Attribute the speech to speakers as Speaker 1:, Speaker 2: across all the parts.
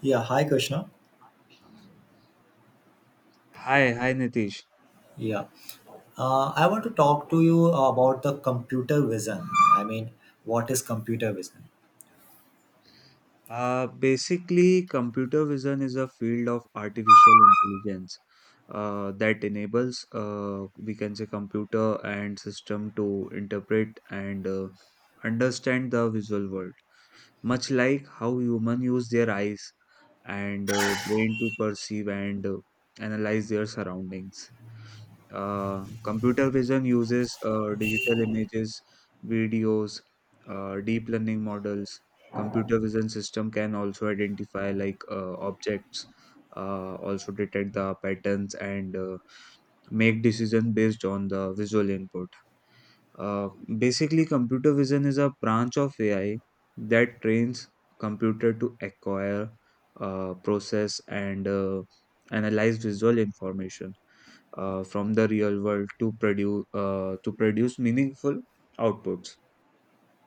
Speaker 1: Yeah, hi Krishna.
Speaker 2: Hi, hi Nitish.
Speaker 1: Yeah, I want to talk to you about the computer vision. I mean, what is computer vision?
Speaker 2: Basically, computer vision is a field of artificial intelligence that enables, we can say, computer and system to interpret and understand the visual world, much like how human use their eyes and brain to perceive and analyze their surroundings. Computer vision uses digital images, videos, deep learning models. Computer vision system can also identify like objects, also detect the patterns and make decision based on the visual input. Uh, basically, computer vision is a branch of AI that trains computer to acquire, process, and analyze visual information from the real world to produce meaningful outputs.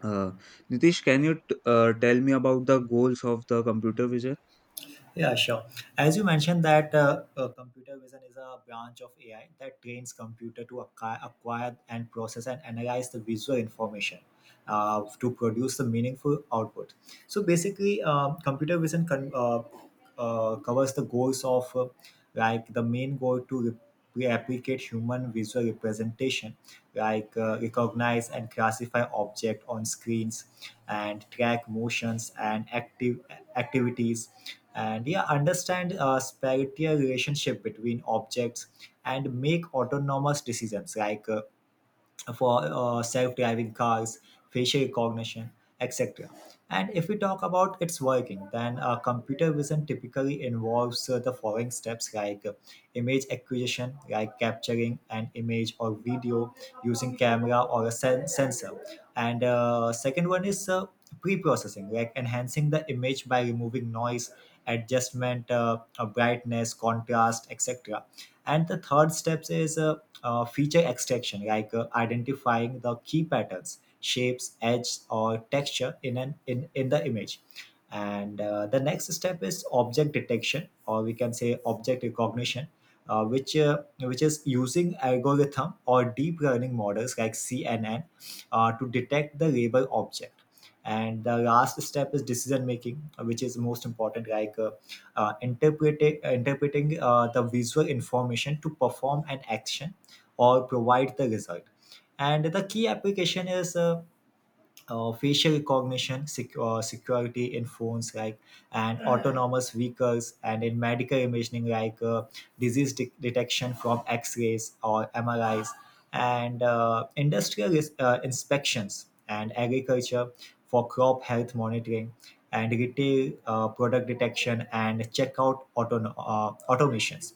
Speaker 2: Uh, Nitish, can you tell me about the goals of the computer vision?
Speaker 1: Yeah, sure. As you mentioned, that computer vision is a branch of AI that trains computer to acquire and process and analyze the visual information to produce the meaningful output. So basically, computer vision covers the goals of like the main goal to we applicate human visual representation like recognize and classify objects on screens, and track motions and active activities, and yeah, understand spatial relationship between objects, and make autonomous decisions like for self-driving cars, facial recognition, etc. And if we talk about its working, then computer vision typically involves the following steps like image acquisition, like capturing an image or video using camera or a sensor. And second one is pre-processing, like enhancing the image by removing noise, adjustment, brightness, contrast, etc. And the third steps is feature extraction, like identifying the key patterns, shapes, edges, or texture in in the image. And the next step is object detection, or we can say object recognition, which is using algorithm or deep learning models like cnn to detect the label object. And the last step is decision making, which is most important, like interpreting, interpreting the visual information to perform an action or provide the result. And the key application is facial recognition, security in phones, like, and autonomous vehicles, and in medical imaging, like disease detection from X-rays or MRIs, and uh, industrial inspections, and agriculture for crop health monitoring, and retail product detection and checkout automations.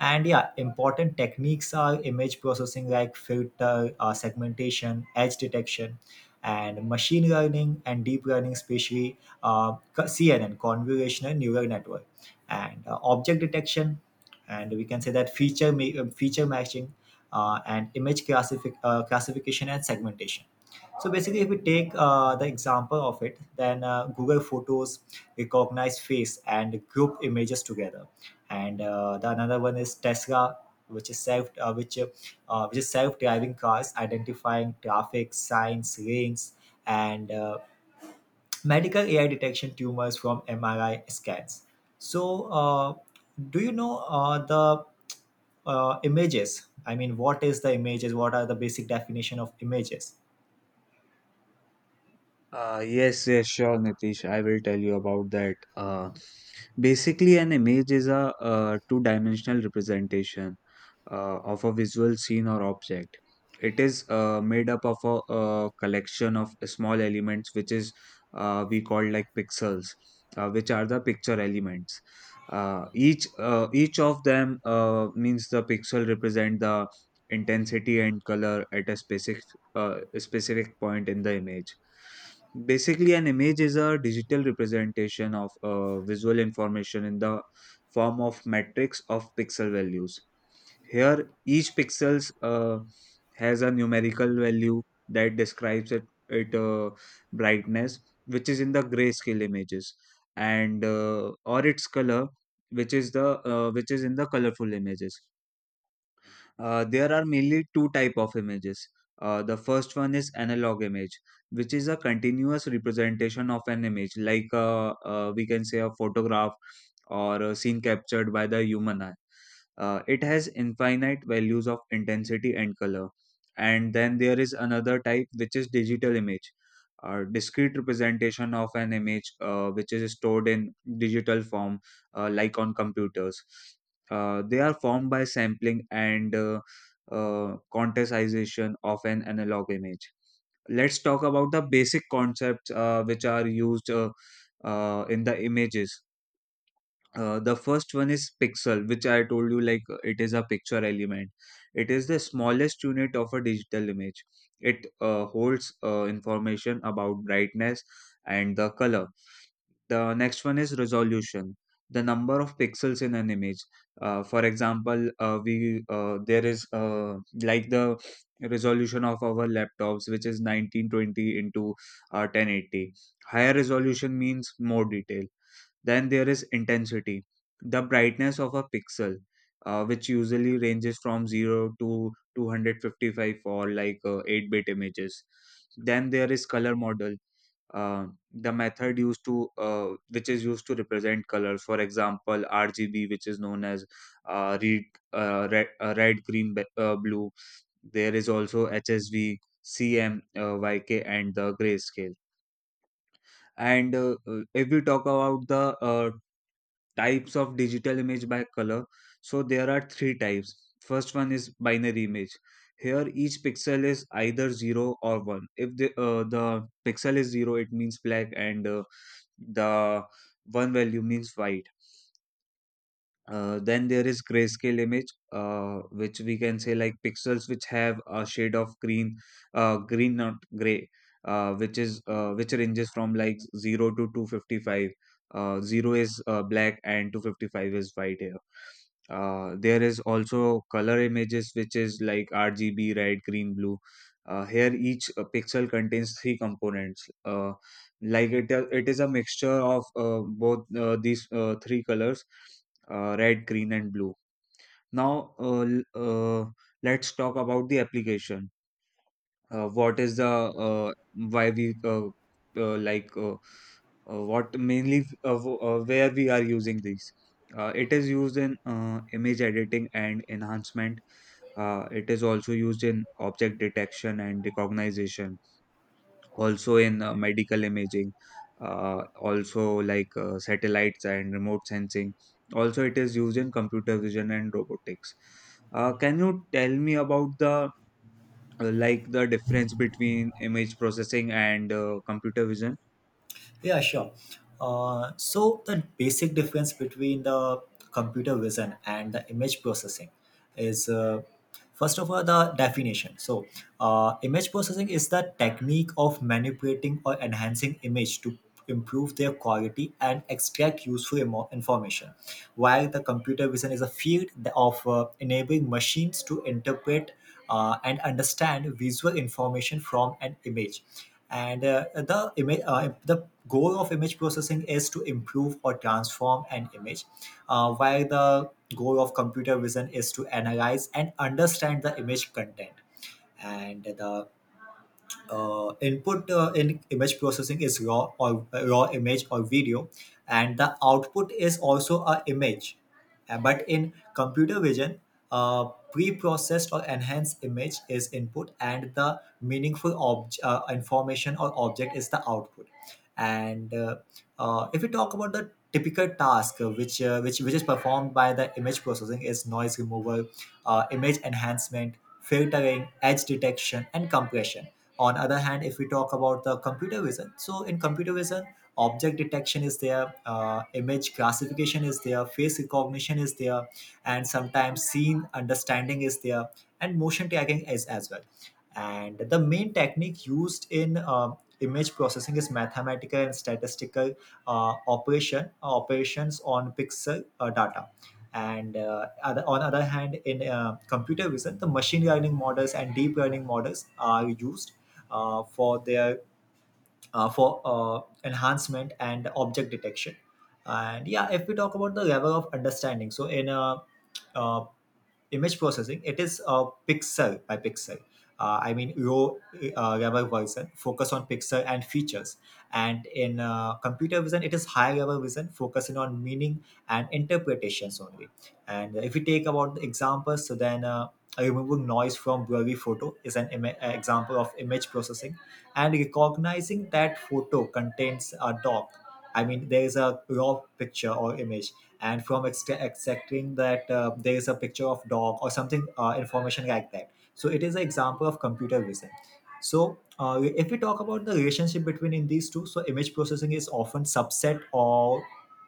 Speaker 1: And yeah, important techniques are image processing, like filter, segmentation, edge detection, and machine learning, and deep learning, especially cnn, convolutional neural network, and object detection, and we can say that feature matching, and image classification and segmentation. So basically, if we take the example of it, then google photos recognize face and group images together. And the another one is tesla, which is self-driving cars, identifying traffic signs, lanes, and medical ai detection tumors from mri scans. So do you know the images, I mean, what is the images, what are the basic definition of images?
Speaker 2: Yes, yes, sure, Nitish. I will tell you about that. Basically, an image is a two-dimensional representation of a visual scene or object. It is made up of a, collection of small elements, which is we call like pixels, which are the picture elements. Each of them means the pixel represent the intensity and color at a specific point in the image. Basically, an image is a digital representation of visual information in the form of matrix of pixel values. Here, each pixel has a numerical value that describes it, brightness, which is in the grayscale images, and or its color, which is in the colorful images. There are mainly two type of images. The first one is analog image, which is a continuous representation of an image, like we can say a photograph or a scene captured by the human eye. It has infinite values of intensity and color. And then there is another type, which is digital image, a discrete representation of an image which is stored in digital form, like on computers. They are formed by sampling and quantization of an analog image. Let's talk about the basic concepts which are used in the images. The first one is pixel, which I told you like it is a picture element. It is the smallest unit of a digital image. It holds information about brightness and the color. The next one is resolution, the number of pixels in an image. For example, we there is like the resolution of our laptops, which is 1920 into 1080. Higher resolution means more detail. Then there is intensity, the brightness of a pixel, which usually ranges from 0 to 255 for like 8 bit images. Then there is color model, uh, the method used to which is used to represent colors, for example rgb, which is known as uh, red, red, green, blue. There is also hsv, cm yk, and the grayscale. And if we talk about the types of digital image by color, so there are three types. First one is binary image. Here each pixel is either 0 or 1. If the pixel is 0 it means black, and the one value means white. Then there is grayscale image, which we can say like pixels which have a shade of green, green not gray, which ranges from like 0 to 255. Zero is black and 255 is white here. There is also color images which is like RGB, red, green, blue. Here each pixel contains three components. Like it is a mixture of both these three colors, red, green, and blue. Now, let's talk about the application. What is the why we like what mainly w- where we are using these? It is used in image editing and enhancement. It is also used in object detection and recognition, also in medical imaging, also like satellites and remote sensing. Also, it is used in computer vision and robotics. Can you tell me about the like the difference between image processing and computer vision?
Speaker 1: Yeah, sure. So the basic difference between the computer vision and the image processing is first of all the definition. So image processing is the technique of manipulating or enhancing image to improve their quality and extract useful information, while the computer vision is a field of enabling machines to interpret and understand visual information from an image. And the goal of image processing is to improve or transform an image, while the goal of computer vision is to analyze and understand the image content. And the input in image processing is raw image or video, and the output is also a image. But in computer vision, pre-processed or enhanced image is input, and the meaningful information or object is the output. And if we talk about the typical task which is performed by the image processing is noise removal, image enhancement, filtering, edge detection, and compression. On other hand, if we talk about the computer vision, so in computer vision, object detection is there, image classification is there, face recognition is there, and sometimes scene understanding is there, and motion tagging is as well. And the main technique used in image processing is mathematical and statistical operations on pixel data. And on other hand, in computer vision, the machine learning models and deep learning models are used uh, for their for enhancement and object detection. And yeah, if we talk about the level of understanding, so in a uh, image processing, it is pixel by pixel. I mean, raw level version, focus on pixel and features. And in computer vision, it is high level vision, focusing on meaning and interpretations only. And if we take about the examples, so then removing noise from blurry photo is an example of image processing, and recognizing that photo contains a dog, I mean there is a raw picture or image, and from accepting that there is a picture of dog or something information like that, so it is an example of computer vision. So if we talk about the relationship between in these two, so image processing is often subset or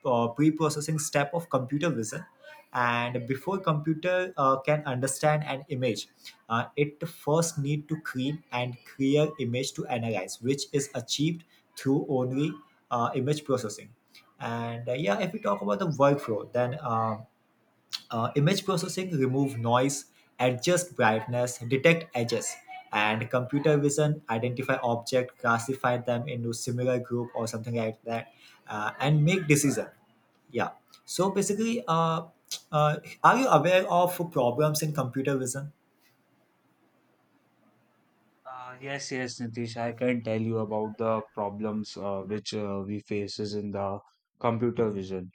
Speaker 1: pre-processing step of computer vision. And before computer can understand an image, it first need to clean and clear image to analyze, which is achieved through only image processing. And yeah, if we talk about the workflow, then image processing remove noise, adjust brightness, detect edges, and computer vision identify object, classify them into similar group or something like that, and make decision. Yeah. So basically, uh, are you aware of problems in computer vision?
Speaker 2: Yes, yes, Nitish, I can tell you about the problems which we faces in the computer vision.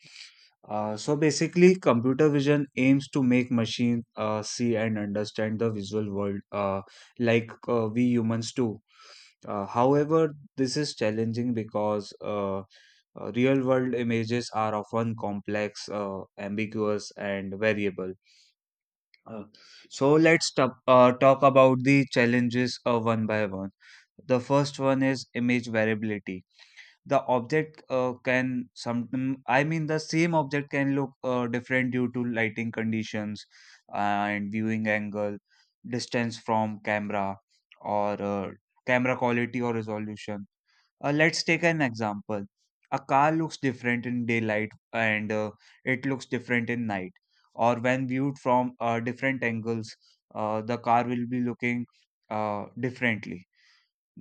Speaker 2: So basically, computer vision aims to make machine see and understand the visual world like we humans do. However, this is challenging because real world images are often complex, ambiguous, and variable. Uh, so let's talk about the challenges one by one. The first one is image variability. The object I mean the same object can look different due to lighting conditions and viewing angle, distance from camera, or camera quality or resolution. Let's take an example. A car looks different in daylight and it looks different in night, or when viewed from different angles, the car will be looking differently.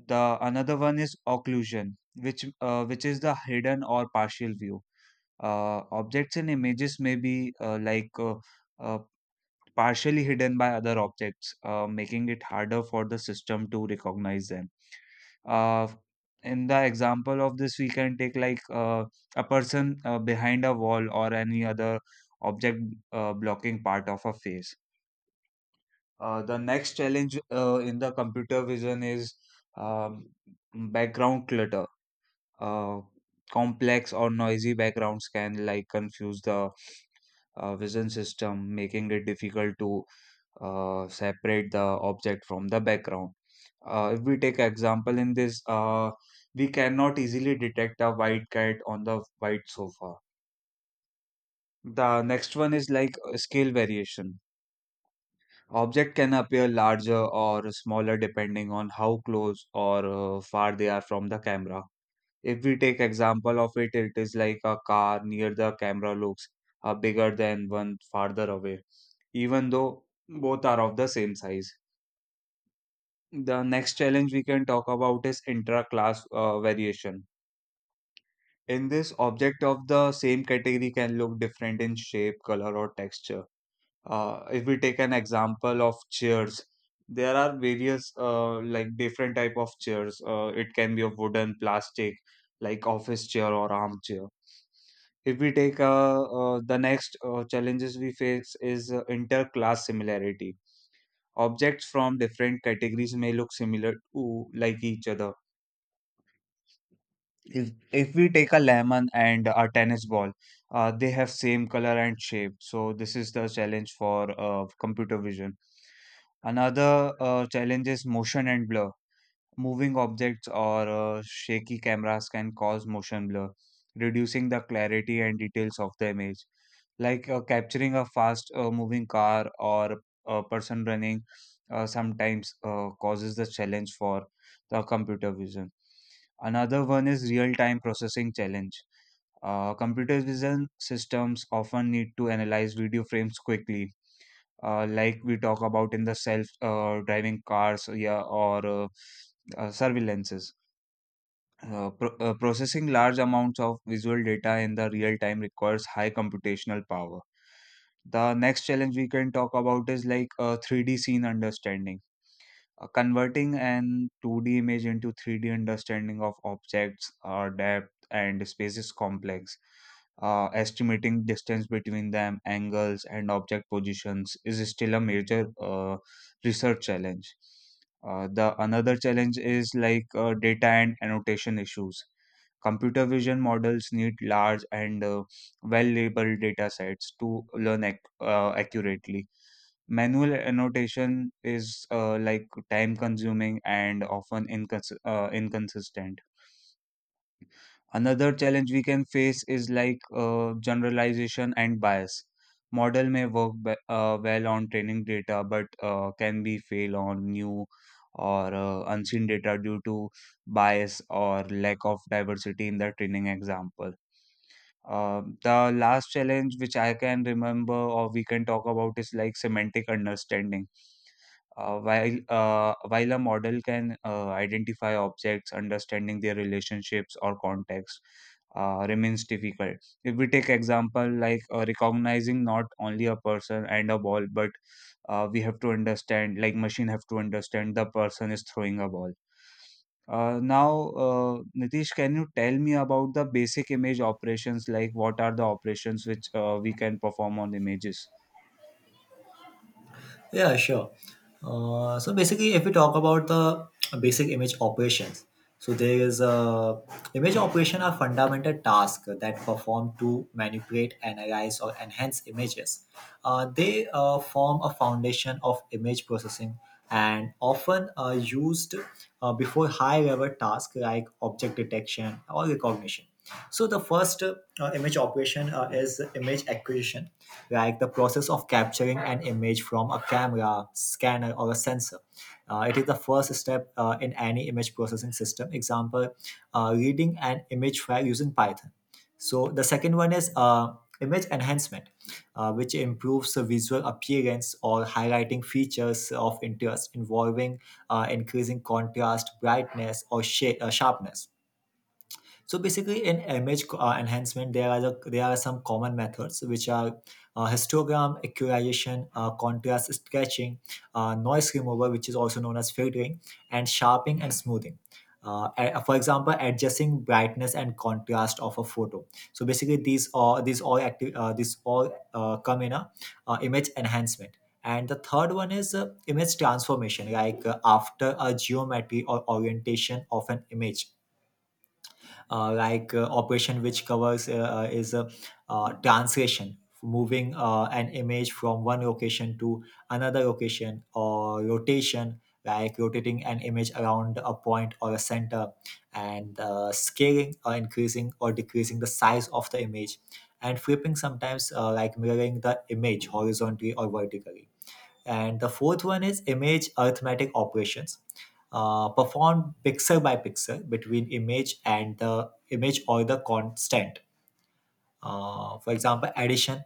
Speaker 2: The another one is occlusion, which is the hidden or partial view. Objects in images may be uh, partially hidden by other objects, making it harder for the system to recognize them. Uh, in the example of this, we can take like a person behind a wall or any other object blocking part of a face. The next challenge in the computer vision is um, background clutter. Uh, Complex or noisy backgrounds can like confuse the vision system, making it difficult to separate the object from the background. If we take example in this, we cannot easily detect a white cat on the white sofa. The next one is like scale variation. Object can appear larger or smaller depending on how close or far they are from the camera. If we take example of it, it is like a car near the camera looks bigger than one farther away, even though both are of the same size. The next challenge we can talk about is intra-class variation. In this, object of the same category can look different in shape, color, or texture. If we take an example of chairs, there are various like different type of chairs. It can be of wooden, plastic, like office chair or armchair. If we take The next challenges we face is interclass similarity. Objects from different categories may look similar to like each other. If we take a lemon and a tennis ball, they have same color and shape, so this is the challenge for computer vision. Another challenge is motion and blur. Moving objects or shaky cameras can cause motion blur, reducing the clarity and details of the image, like capturing a fast moving car or a person running. Sometimes causes the challenge for the computer vision. Another one is real-time processing challenge. Computer vision systems often need to analyze video frames quickly, like we talk about in the self-driving cars, yeah, or surveillances. Processing large amounts of visual data in the real time requires high computational power. The next challenge we can talk about is like 3D scene understanding, converting an 2D image into 3D understanding of objects, depth, and space is complex. Estimating distance between them, angles, and object positions is still a major research challenge. The another challenge is like data and annotation issues. Computer vision models need large and well labeled data sets to learn accurately. Manual annotation is like time consuming and often inconsistent. Another challenge we can face is like generalization and bias. Model may work well on training data, but can be fail on new or unseen data due to bias or lack of diversity in the training example. The last challenge which I can remember or we can talk about is like semantic understanding. While a model can identify objects, understanding their relationships or context remains difficult. If we take example like recognizing not only a person and a ball, but we have to understand like machine have to understand the person is throwing a ball. Now, Nitish, can you tell me about the basic image operations? Like, what are the operations which we can perform on images?
Speaker 1: Yeah, sure. So basically, if we talk about the basic image operations, so there is a image operation are fundamental tasks that perform to manipulate, analyze, or enhance images. They form a foundation of image processing, and often used before high-level tasks like object detection or recognition. So the first image operation is image acquisition, like the process of capturing an image from a camera, scanner, or a sensor. It is the first step in any image processing system. Example, reading an image file using Python. So the second one is image enhancement, which improves the visual appearance or highlighting features of interest, involving increasing contrast, brightness, or sharpness. So basically, in image enhancement, there are some common methods, which are histogram, accurization, contrast sketching, noise removal, which is also known as filtering, and sharpening and smoothing. For example, adjusting brightness and contrast of a photo. So basically, these all come in a image enhancement. And the third one is image transformation, like after a geometry or orientation of an image, operation which covers is a translation, moving an image from one location to another location, or rotation, like rotating an image around a point or a center, and scaling, or increasing or decreasing the size of the image, and flipping sometimes like mirroring the image horizontally or vertically. And the fourth one is image arithmetic operations, performed pixel by pixel between image and the image or the constant. For example, addition,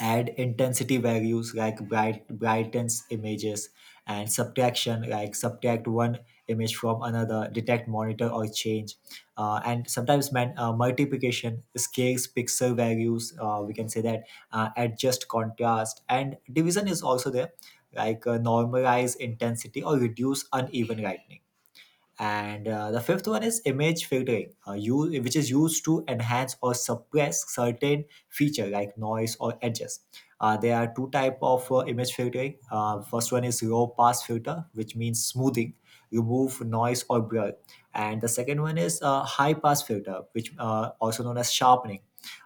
Speaker 1: add intensity values, like brightens images, and subtraction, like subtract one image from another, detect monitor or change, and sometimes man multiplication scales pixel values, we can say that adjust contrast, and division is also there, like normalize intensity or reduce uneven lightning. And the fifth one is image filtering, which is used to enhance or suppress certain feature like noise or edges. Uh, there are two type of image filtering. First one is low pass filter, which means smoothing, remove noise or blur. And the second one is high pass filter, which also known as sharpening,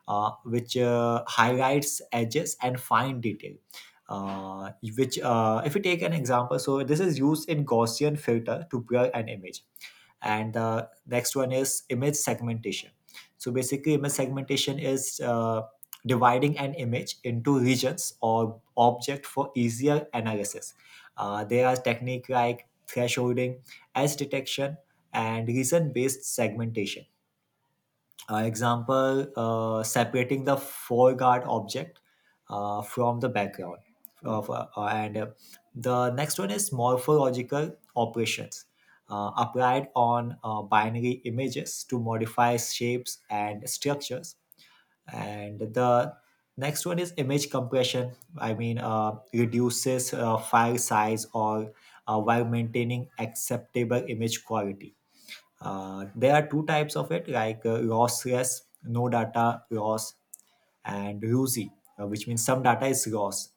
Speaker 1: which highlights edges and fine detail. Uh, which if we take an example, so this is used in gaussian filter to blur an image. And the next one is image segmentation. So basically, image segmentation is dividing an image into regions or object for easier analysis. Uh, there are techniques like thresholding, edge detection, and reason based segmentation. Uh, example, separating the foreguard object from the background. Of, and the next one is morphological operations, applied on binary images to modify shapes and structures. And the next one is image compression. I mean, reduces file size or while maintaining acceptable image quality. Uh, there are two types of it, like lossless, no data loss, and ROSI, which means some data is lost.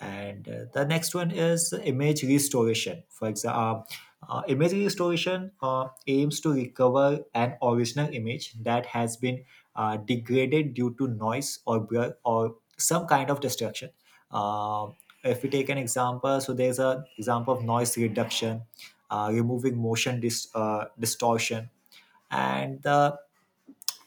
Speaker 1: And the next one is image restoration. For example, image restoration aims to recover an original image that has been degraded due to noise or blur or some kind of destruction. Uh, if we take an example, so there's an example of noise reduction, removing motion distortion, and the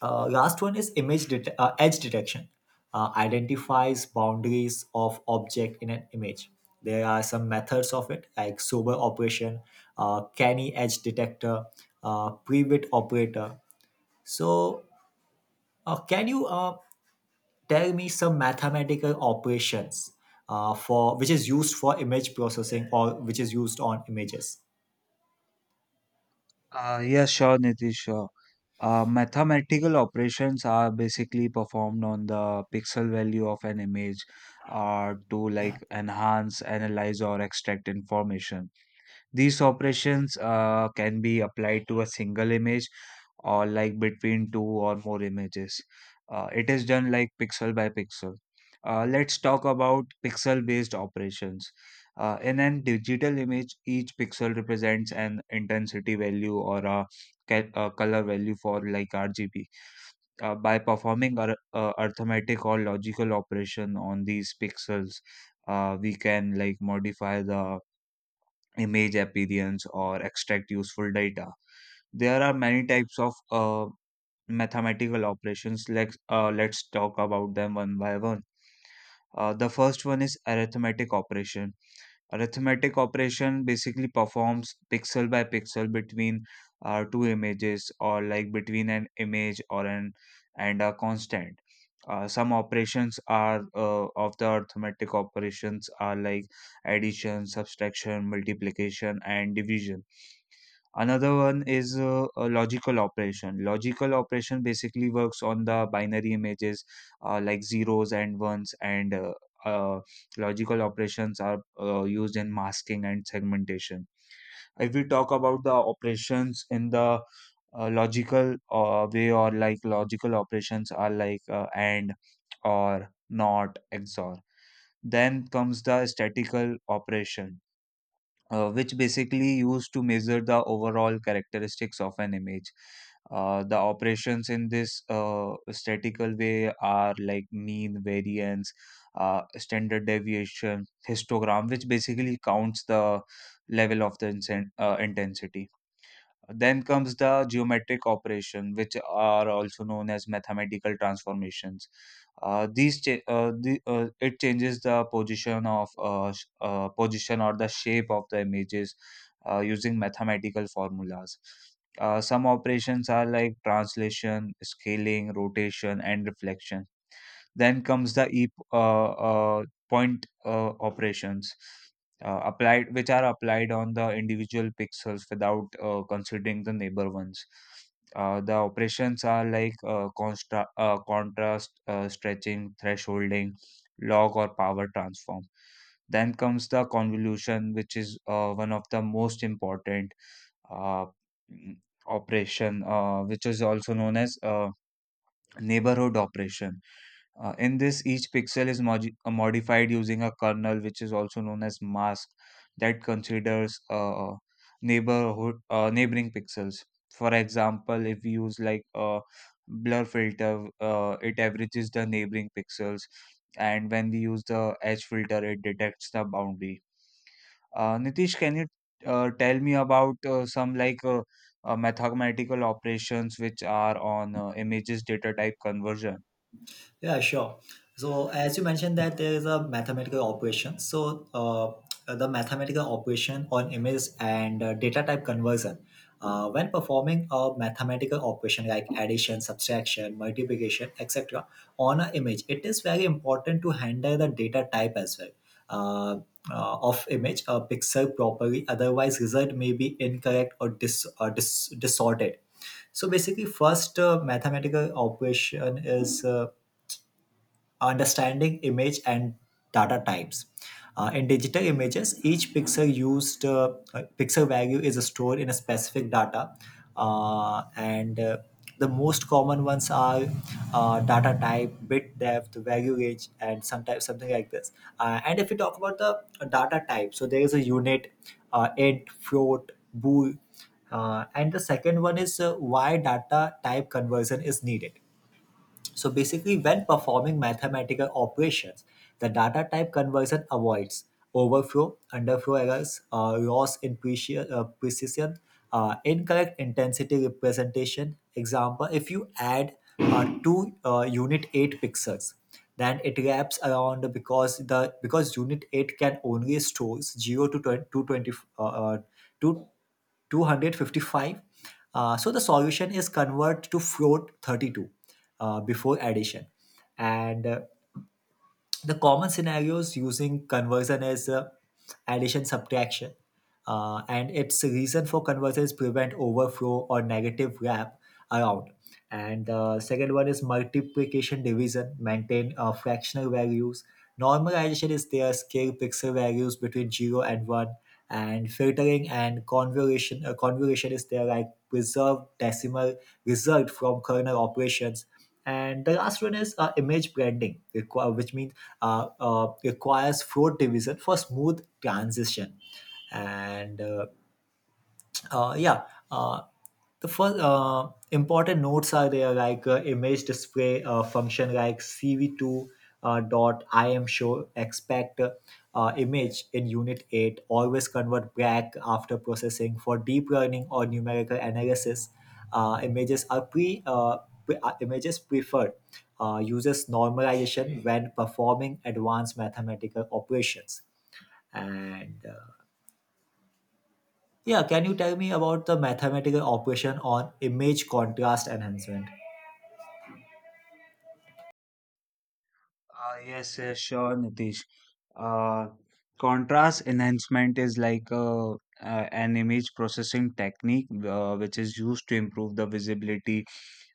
Speaker 1: last one is edge detection. Identifies boundaries of object in an image. There are some methods of it, like sober operation, Canny edge detector, pre-bit operator. So, can you tell me some mathematical operations for which is used for image processing or which is used on images?
Speaker 2: Yes, sure, Nitish. Sure. Mathematical operations are basically performed on the pixel value of an image to like enhance, analyze, or extract information. These operations can be applied to a single image or like between two or more images. It is done like pixel by pixel. Let's talk about pixel based operations. In an digital image, each pixel represents an intensity value or a, a color value for like RGB. By performing arithmetic or logical operation on these pixels, we can like modify the image appearance or extract useful data. There are many types of mathematical operations. Let's talk about them one by one. The first one is arithmetic operation. Arithmetic operation basically performs pixel by pixel between two images or like between an image or an and a constant. Some operations are of the arithmetic operations are like addition, subtraction, multiplication, and division. Another one is a logical operation. Logical operation basically works on the binary images like zeros and ones, and uh, logical operations are used in masking and segmentation. If we talk about the operations in the logical way, or like logical operations are like and, or, not, XOR. Then comes the statical operation which basically used to measure the overall characteristics of an image. The operations in this statistical way are like mean, variance, standard deviation, histogram, which basically counts the level of the intensity. Then comes the geometric operation, which are also known as mathematical transformations. It changes the position of position or the shape of the images using mathematical formulas. Some operations are like translation, scaling, rotation, and reflection. Then comes the e uh, point operations which are applied on the individual pixels without considering the neighbor ones. The operations are like contrast, stretching, thresholding, log, or power transform. Then comes the convolution, which is one of the most important uh, mm, operation, which is also known as neighborhood operation. In this, each pixel is modified using a kernel, which is also known as mask, that considers neighborhood neighboring pixels. For example, if we use like a blur filter, it averages the neighboring pixels, and when we use the edge filter, it detects the boundary. Nitish, can you tell me about some like mathematical operations which are on images data type conversion?
Speaker 1: Yeah, sure. So as you mentioned that there is a mathematical operation. So the mathematical operation on image and data type conversion. When performing a mathematical operation like addition, subtraction, multiplication, etc., on an image, it is very important to handle the data type as well, uh, of image a pixel properly. Otherwise, result may be incorrect or distorted. So basically, first mathematical operation is understanding image and data types. In digital images, each pixel used pixel value is stored in a specific data, and the most common ones are data type, bit depth, value range, and sometimes something like this. And if we talk about the data type, so there is a unit, int, float, bool. And the second one is why data type conversion is needed. So basically, when performing mathematical operations, the data type conversion avoids overflow, underflow errors, loss in precision, incorrect intensity representation. Example, if you add two unit 8 pixels, then it wraps around because unit 8 can only stores 0 to 20, 220, uh, uh, to 255, so the solution is convert to float 32 before addition. And the common scenarios using conversion is addition subtraction, and its reason for conversion is prevent overflow or negative wrap around. And second one is multiplication division, maintain fractional values. Normalization is there, scale pixel values between 0 and 1. And filtering and convolution is there, like preserve decimal result from kernel operations. And the last one is image branding, which means requires fraud division for smooth transition. And yeah. Uh, the first important notes are there, like image display function like CV2 dot, I am sure, expect image in unit 8. Always convert back after processing for deep learning or numerical analysis. Uh, images are pre, uh, images preferred. Uses normalization when performing advanced mathematical operations. And yeah, can you tell me about the mathematical operation on image contrast enhancement?
Speaker 2: Yes, yes, sure, Nitish. Uh, Contrast enhancement is like a, an image processing technique which is used to improve the visibility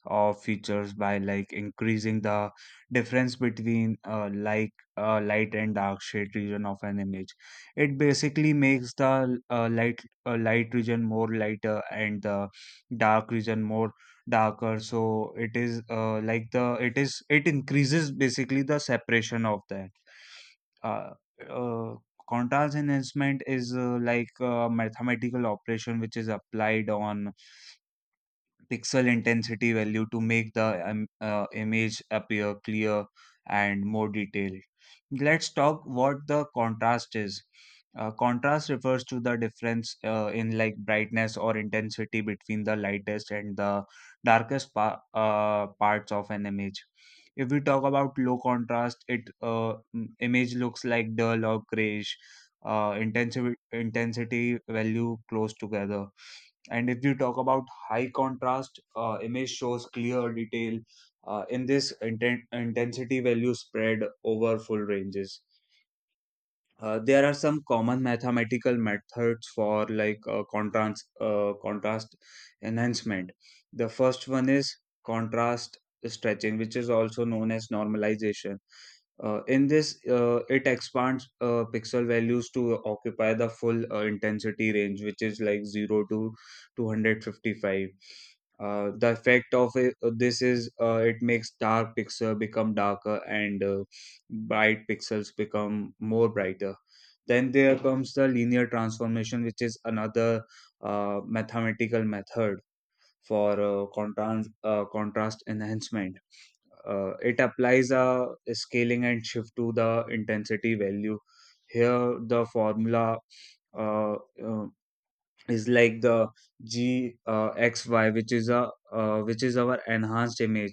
Speaker 2: of features by like increasing the difference between light and dark shade region of an image. It basically makes the light region more lighter and the dark region more darker. So it is it increases basically the separation of that. Uh, uh, contrast enhancement is like a mathematical operation which is applied on pixel intensity value to make the image appear clear and more detailed. Let's talk what the contrast is. Contrast refers to the difference in like brightness or intensity between the lightest and the darkest parts of an image. If we talk about low contrast, it image looks like dull or grayish. Intensity value close together. And if you talk about high contrast image shows clear detail in this intensity value spread over full ranges. There are some common mathematical methods for like contrast enhancement. The first one is contrast stretching, which is also known as normalization. In this, it expands pixel values to occupy the full intensity range, which is like 0 to 255. The effect of it, this is it makes dark pixel become darker and bright pixels become more brighter. Then there comes the linear transformation, which is another mathematical method for contrast enhancement. It applies a scaling and shift to the intensity value. Here, the formula uh, uh, is like the g xy, which is a which is our enhanced image,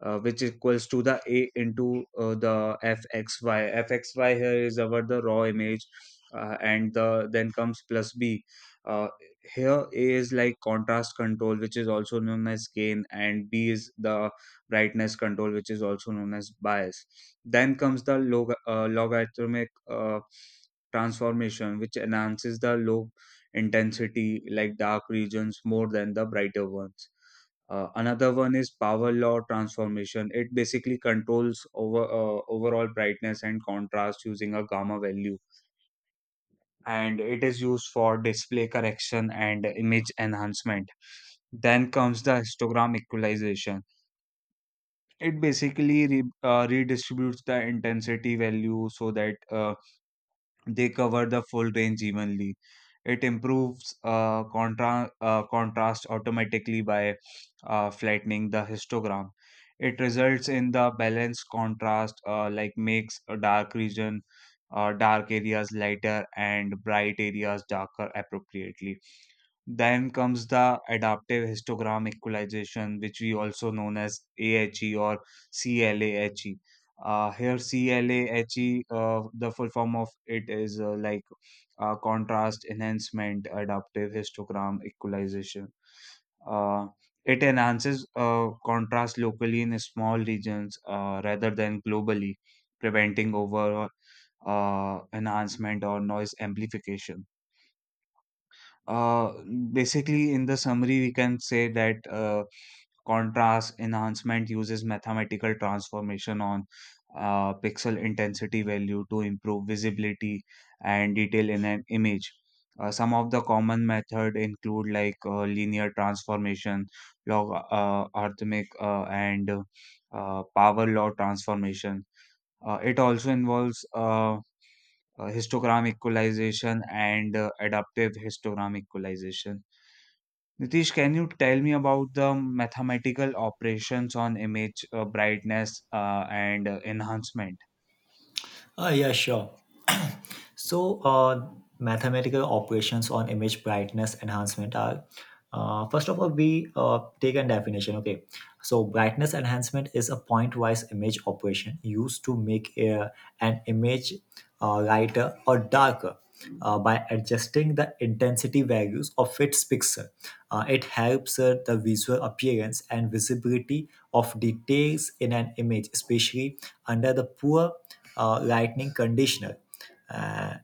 Speaker 2: which equals to the a into the f x y. f X Y here is our the raw image, and the then comes plus b. uh, Here, a is like contrast control, which is also known as gain, and b is the brightness control, which is also known as bias. Then comes the logarithmic transformation, which enhances the log intensity like dark regions more than the brighter ones. Another one is power law transformation. It basically controls over overall brightness and contrast using a gamma value, and it is used for display correction and image enhancement. Then comes the histogram equalization. It basically redistributes the intensity value so that they cover the full range evenly. It improves contrast automatically by flattening the histogram. It results in the balanced contrast, like makes a dark region, dark areas lighter and bright areas darker appropriately. Then comes the adaptive histogram equalization, which we also known as AHE or CLAHE. Here CLAHE, the full form of it is contrast enhancement adaptive histogram equalization. Uh, it enhances contrast locally in small regions rather than globally, preventing overall enhancement or noise amplification. Uh, Basically, in the summary, we can say that contrast enhancement uses mathematical transformation on pixel intensity value to improve visibility and detail in an image. Some of the common method include like linear transformation, log arithmetic, and power law transformation. It also involves histogram equalization and adaptive histogram equalization. Nitish, can you tell me about the mathematical operations on image brightness and enhancement?
Speaker 1: Ah, yeah, sure. So, mathematical operations on image brightness enhancement are, first of all, we take a definition. Okay, so brightness enhancement is a point-wise image operation used to make an image lighter or darker, by adjusting the intensity values of its pixel. It helps the visual appearance and visibility of details in an image, especially under the poor lighting conditioner. Uh,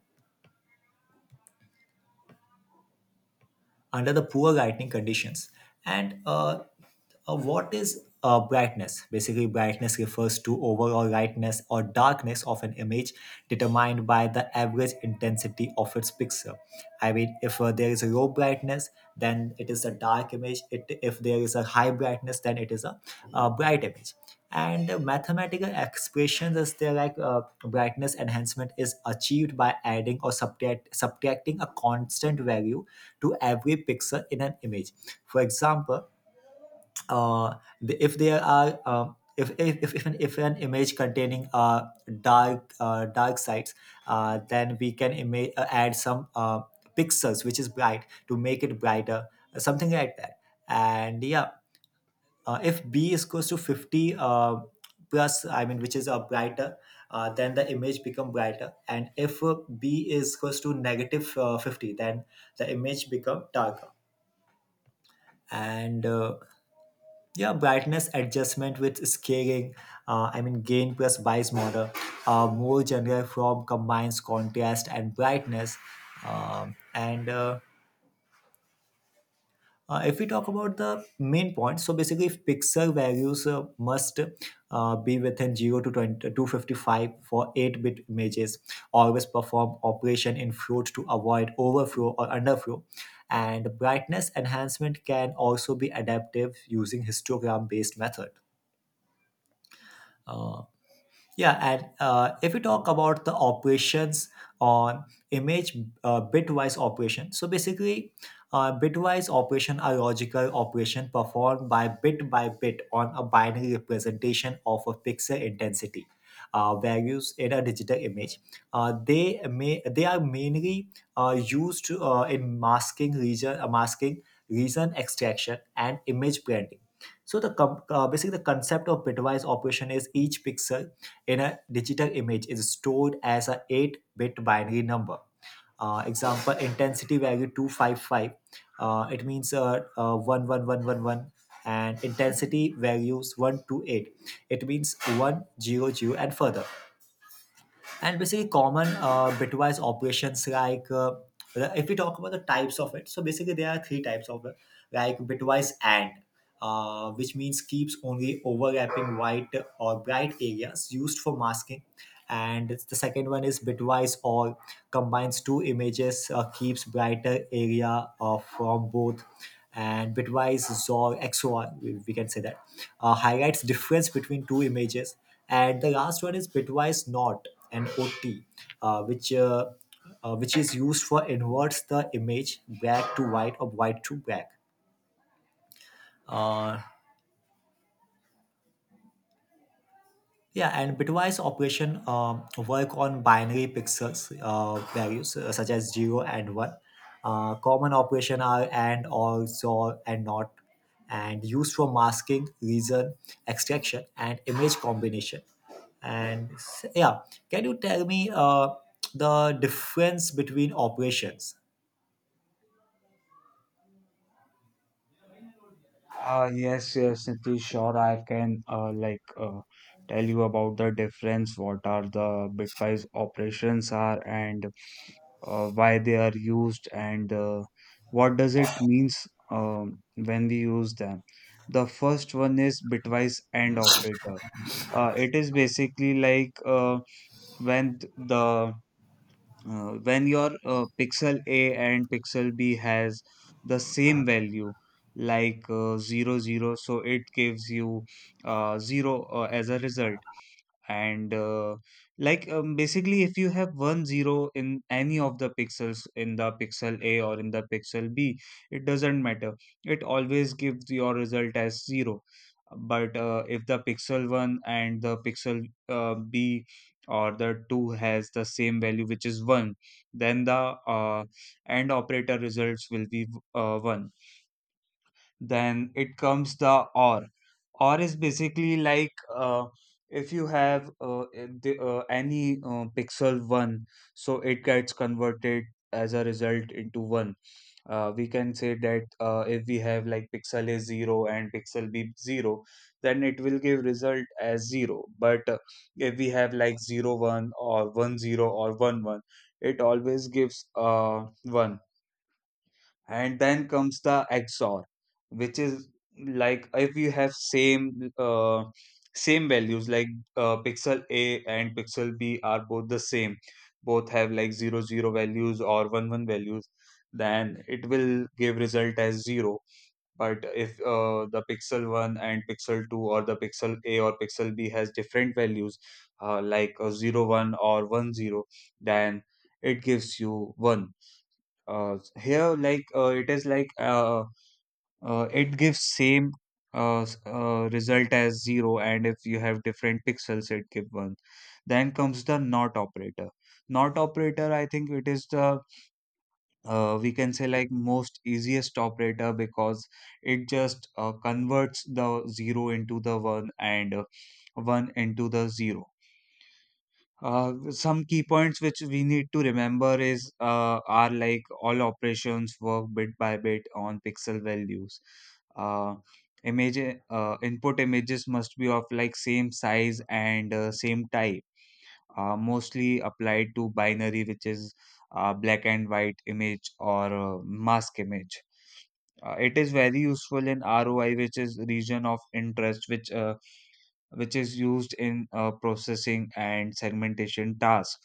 Speaker 1: Under the poor lighting conditions. And what is brightness? Basically, brightness refers to overall lightness or darkness of an image, determined by the average intensity of its pixel. I mean, if there is a low brightness, then it is a dark image. If there is a high brightness, then it is a bright image. And mathematical expressions is there, like brightness enhancement is achieved by adding or subtracting a constant value to every pixel in an image. For example, uh, if there are if an image containing dark sides, then we can add some pixels which is bright to make it brighter, something like that. And yeah, if b is close to 50, plus, I mean, which is a brighter, then the image become brighter. And if b is close to negative, 50, then the image become darker. And yeah, brightness adjustment with scaling, I mean gain plus bias model, more general form combines contrast and brightness. And If we talk about the main point, so basically if pixel values must be within 0 to 2255 for 8-bit images, always perform operation in float to avoid overflow or underflow. And brightness enhancement can also be adaptive using histogram-based method. Uh, Yeah. And if we talk about the operations on image bitwise operation, so basically, bitwise operation are logical operation performed by bit on a binary representation of a pixel intensity values in a digital image. They may they are mainly used in masking region extraction, and image branding. So basically the concept of bitwise operation is each pixel in a digital image is stored as a 8-bit binary number. Example intensity value 255. It means 11111, and intensity values 128. It means 100 and further. And basically common bitwise operations, like if we talk about the types of it, so basically there are three types of it, like bitwise and, which means keeps only overlapping white or bright areas used for masking. And the second one is bitwise or, combines two images, keeps brighter area from both. And bitwise xor, we can say that, highlights difference between two images. And the last one is bitwise not and ot, uh, which uh, which is used for inverts the image black to white or white to black. uh, Yeah. And bitwise operation work on binary pixels values such as zero and one. Common operation are and, or, so, and not, and used for masking, reason, extraction, and image combination. Yeah, can you tell me the difference between operations?
Speaker 2: Yes, yes, Nitish, sure. I can tell you about the difference, what are the bitwise operations are, and why they are used, and what does it means when we use them. The first one is bitwise AND operator. It is basically like when th- the when your pixel A and pixel B has the same value like 0 zero, so it gives you 0 as a result. And like Basically, if you have 1 0 in any of the pixels in the pixel a or in the pixel b, it doesn't matter, it always gives your result as zero. But if the pixel 1 and the pixel b or the 2 has the same value, which is 1, then the end operator results will be 1. Then it comes the or. Or is basically like if you have any pixel 1, so it gets converted as a result into 1. We can say that if we have like pixel a 0 and pixel b 0, then it will give result as 0. But if we have like 0 1 or 1 0 or 1 1, it always gives 1. And then comes the XOR, which is like if you have same same values like pixel A and pixel B are both the same, both have like zero zero values or one one values, then it will give result as zero. But if the pixel one and pixel two or the pixel A or pixel B has different values, like a 0 1 or 1 0, then it gives you one. Uh, here like it is like it gives same result as 0, and if you have different pixels, it give 1. Then comes the not operator. Not operator, I think it is the we can say like most easiest operator, because it just converts the 0 into the 1 and 1 into the 0. Some key points which we need to remember is are like all operations work bit by bit on pixel values. Uh, image Input images must be of like same size and same type. Mostly applied to binary, which is black and white image or mask image. It is very useful in ROI, which is region of interest, which is used in processing and segmentation task.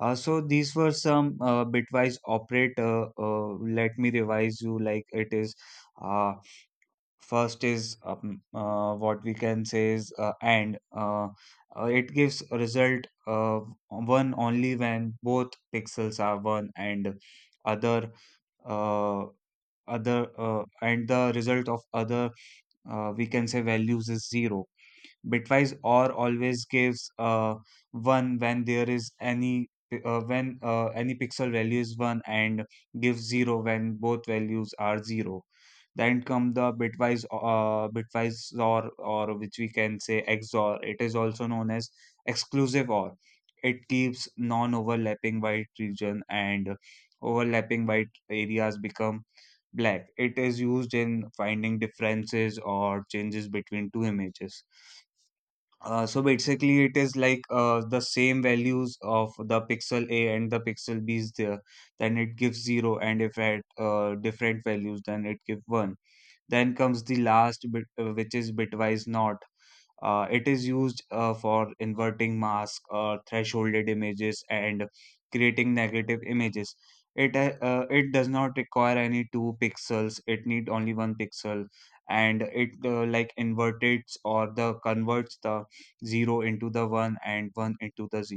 Speaker 2: So these were some bitwise operator. Let me revise you like it is. Uh, First is what we can say is and. It gives a result one only when both pixels are one, and other uh, and the result of other we can say values is zero. Bitwise or always gives one when there is when any pixel value is one and gives zero when both values are zero. Then come the bitwise or, which we can say XOR. It is also known as exclusive OR. It keeps non-overlapping white region and overlapping white areas become black. It is used in finding differences or changes between two images. So basically, it is like the same values of the pixel A and the pixel B is there, then it gives zero, and if at different values, then it gives one. Then comes the last bit, which is bitwise NOT. It is used for inverting mask or thresholded images and creating negative images. It does not require any two pixels. It need only one pixel, and it like inverts or the converts the zero into the one and one into the zero.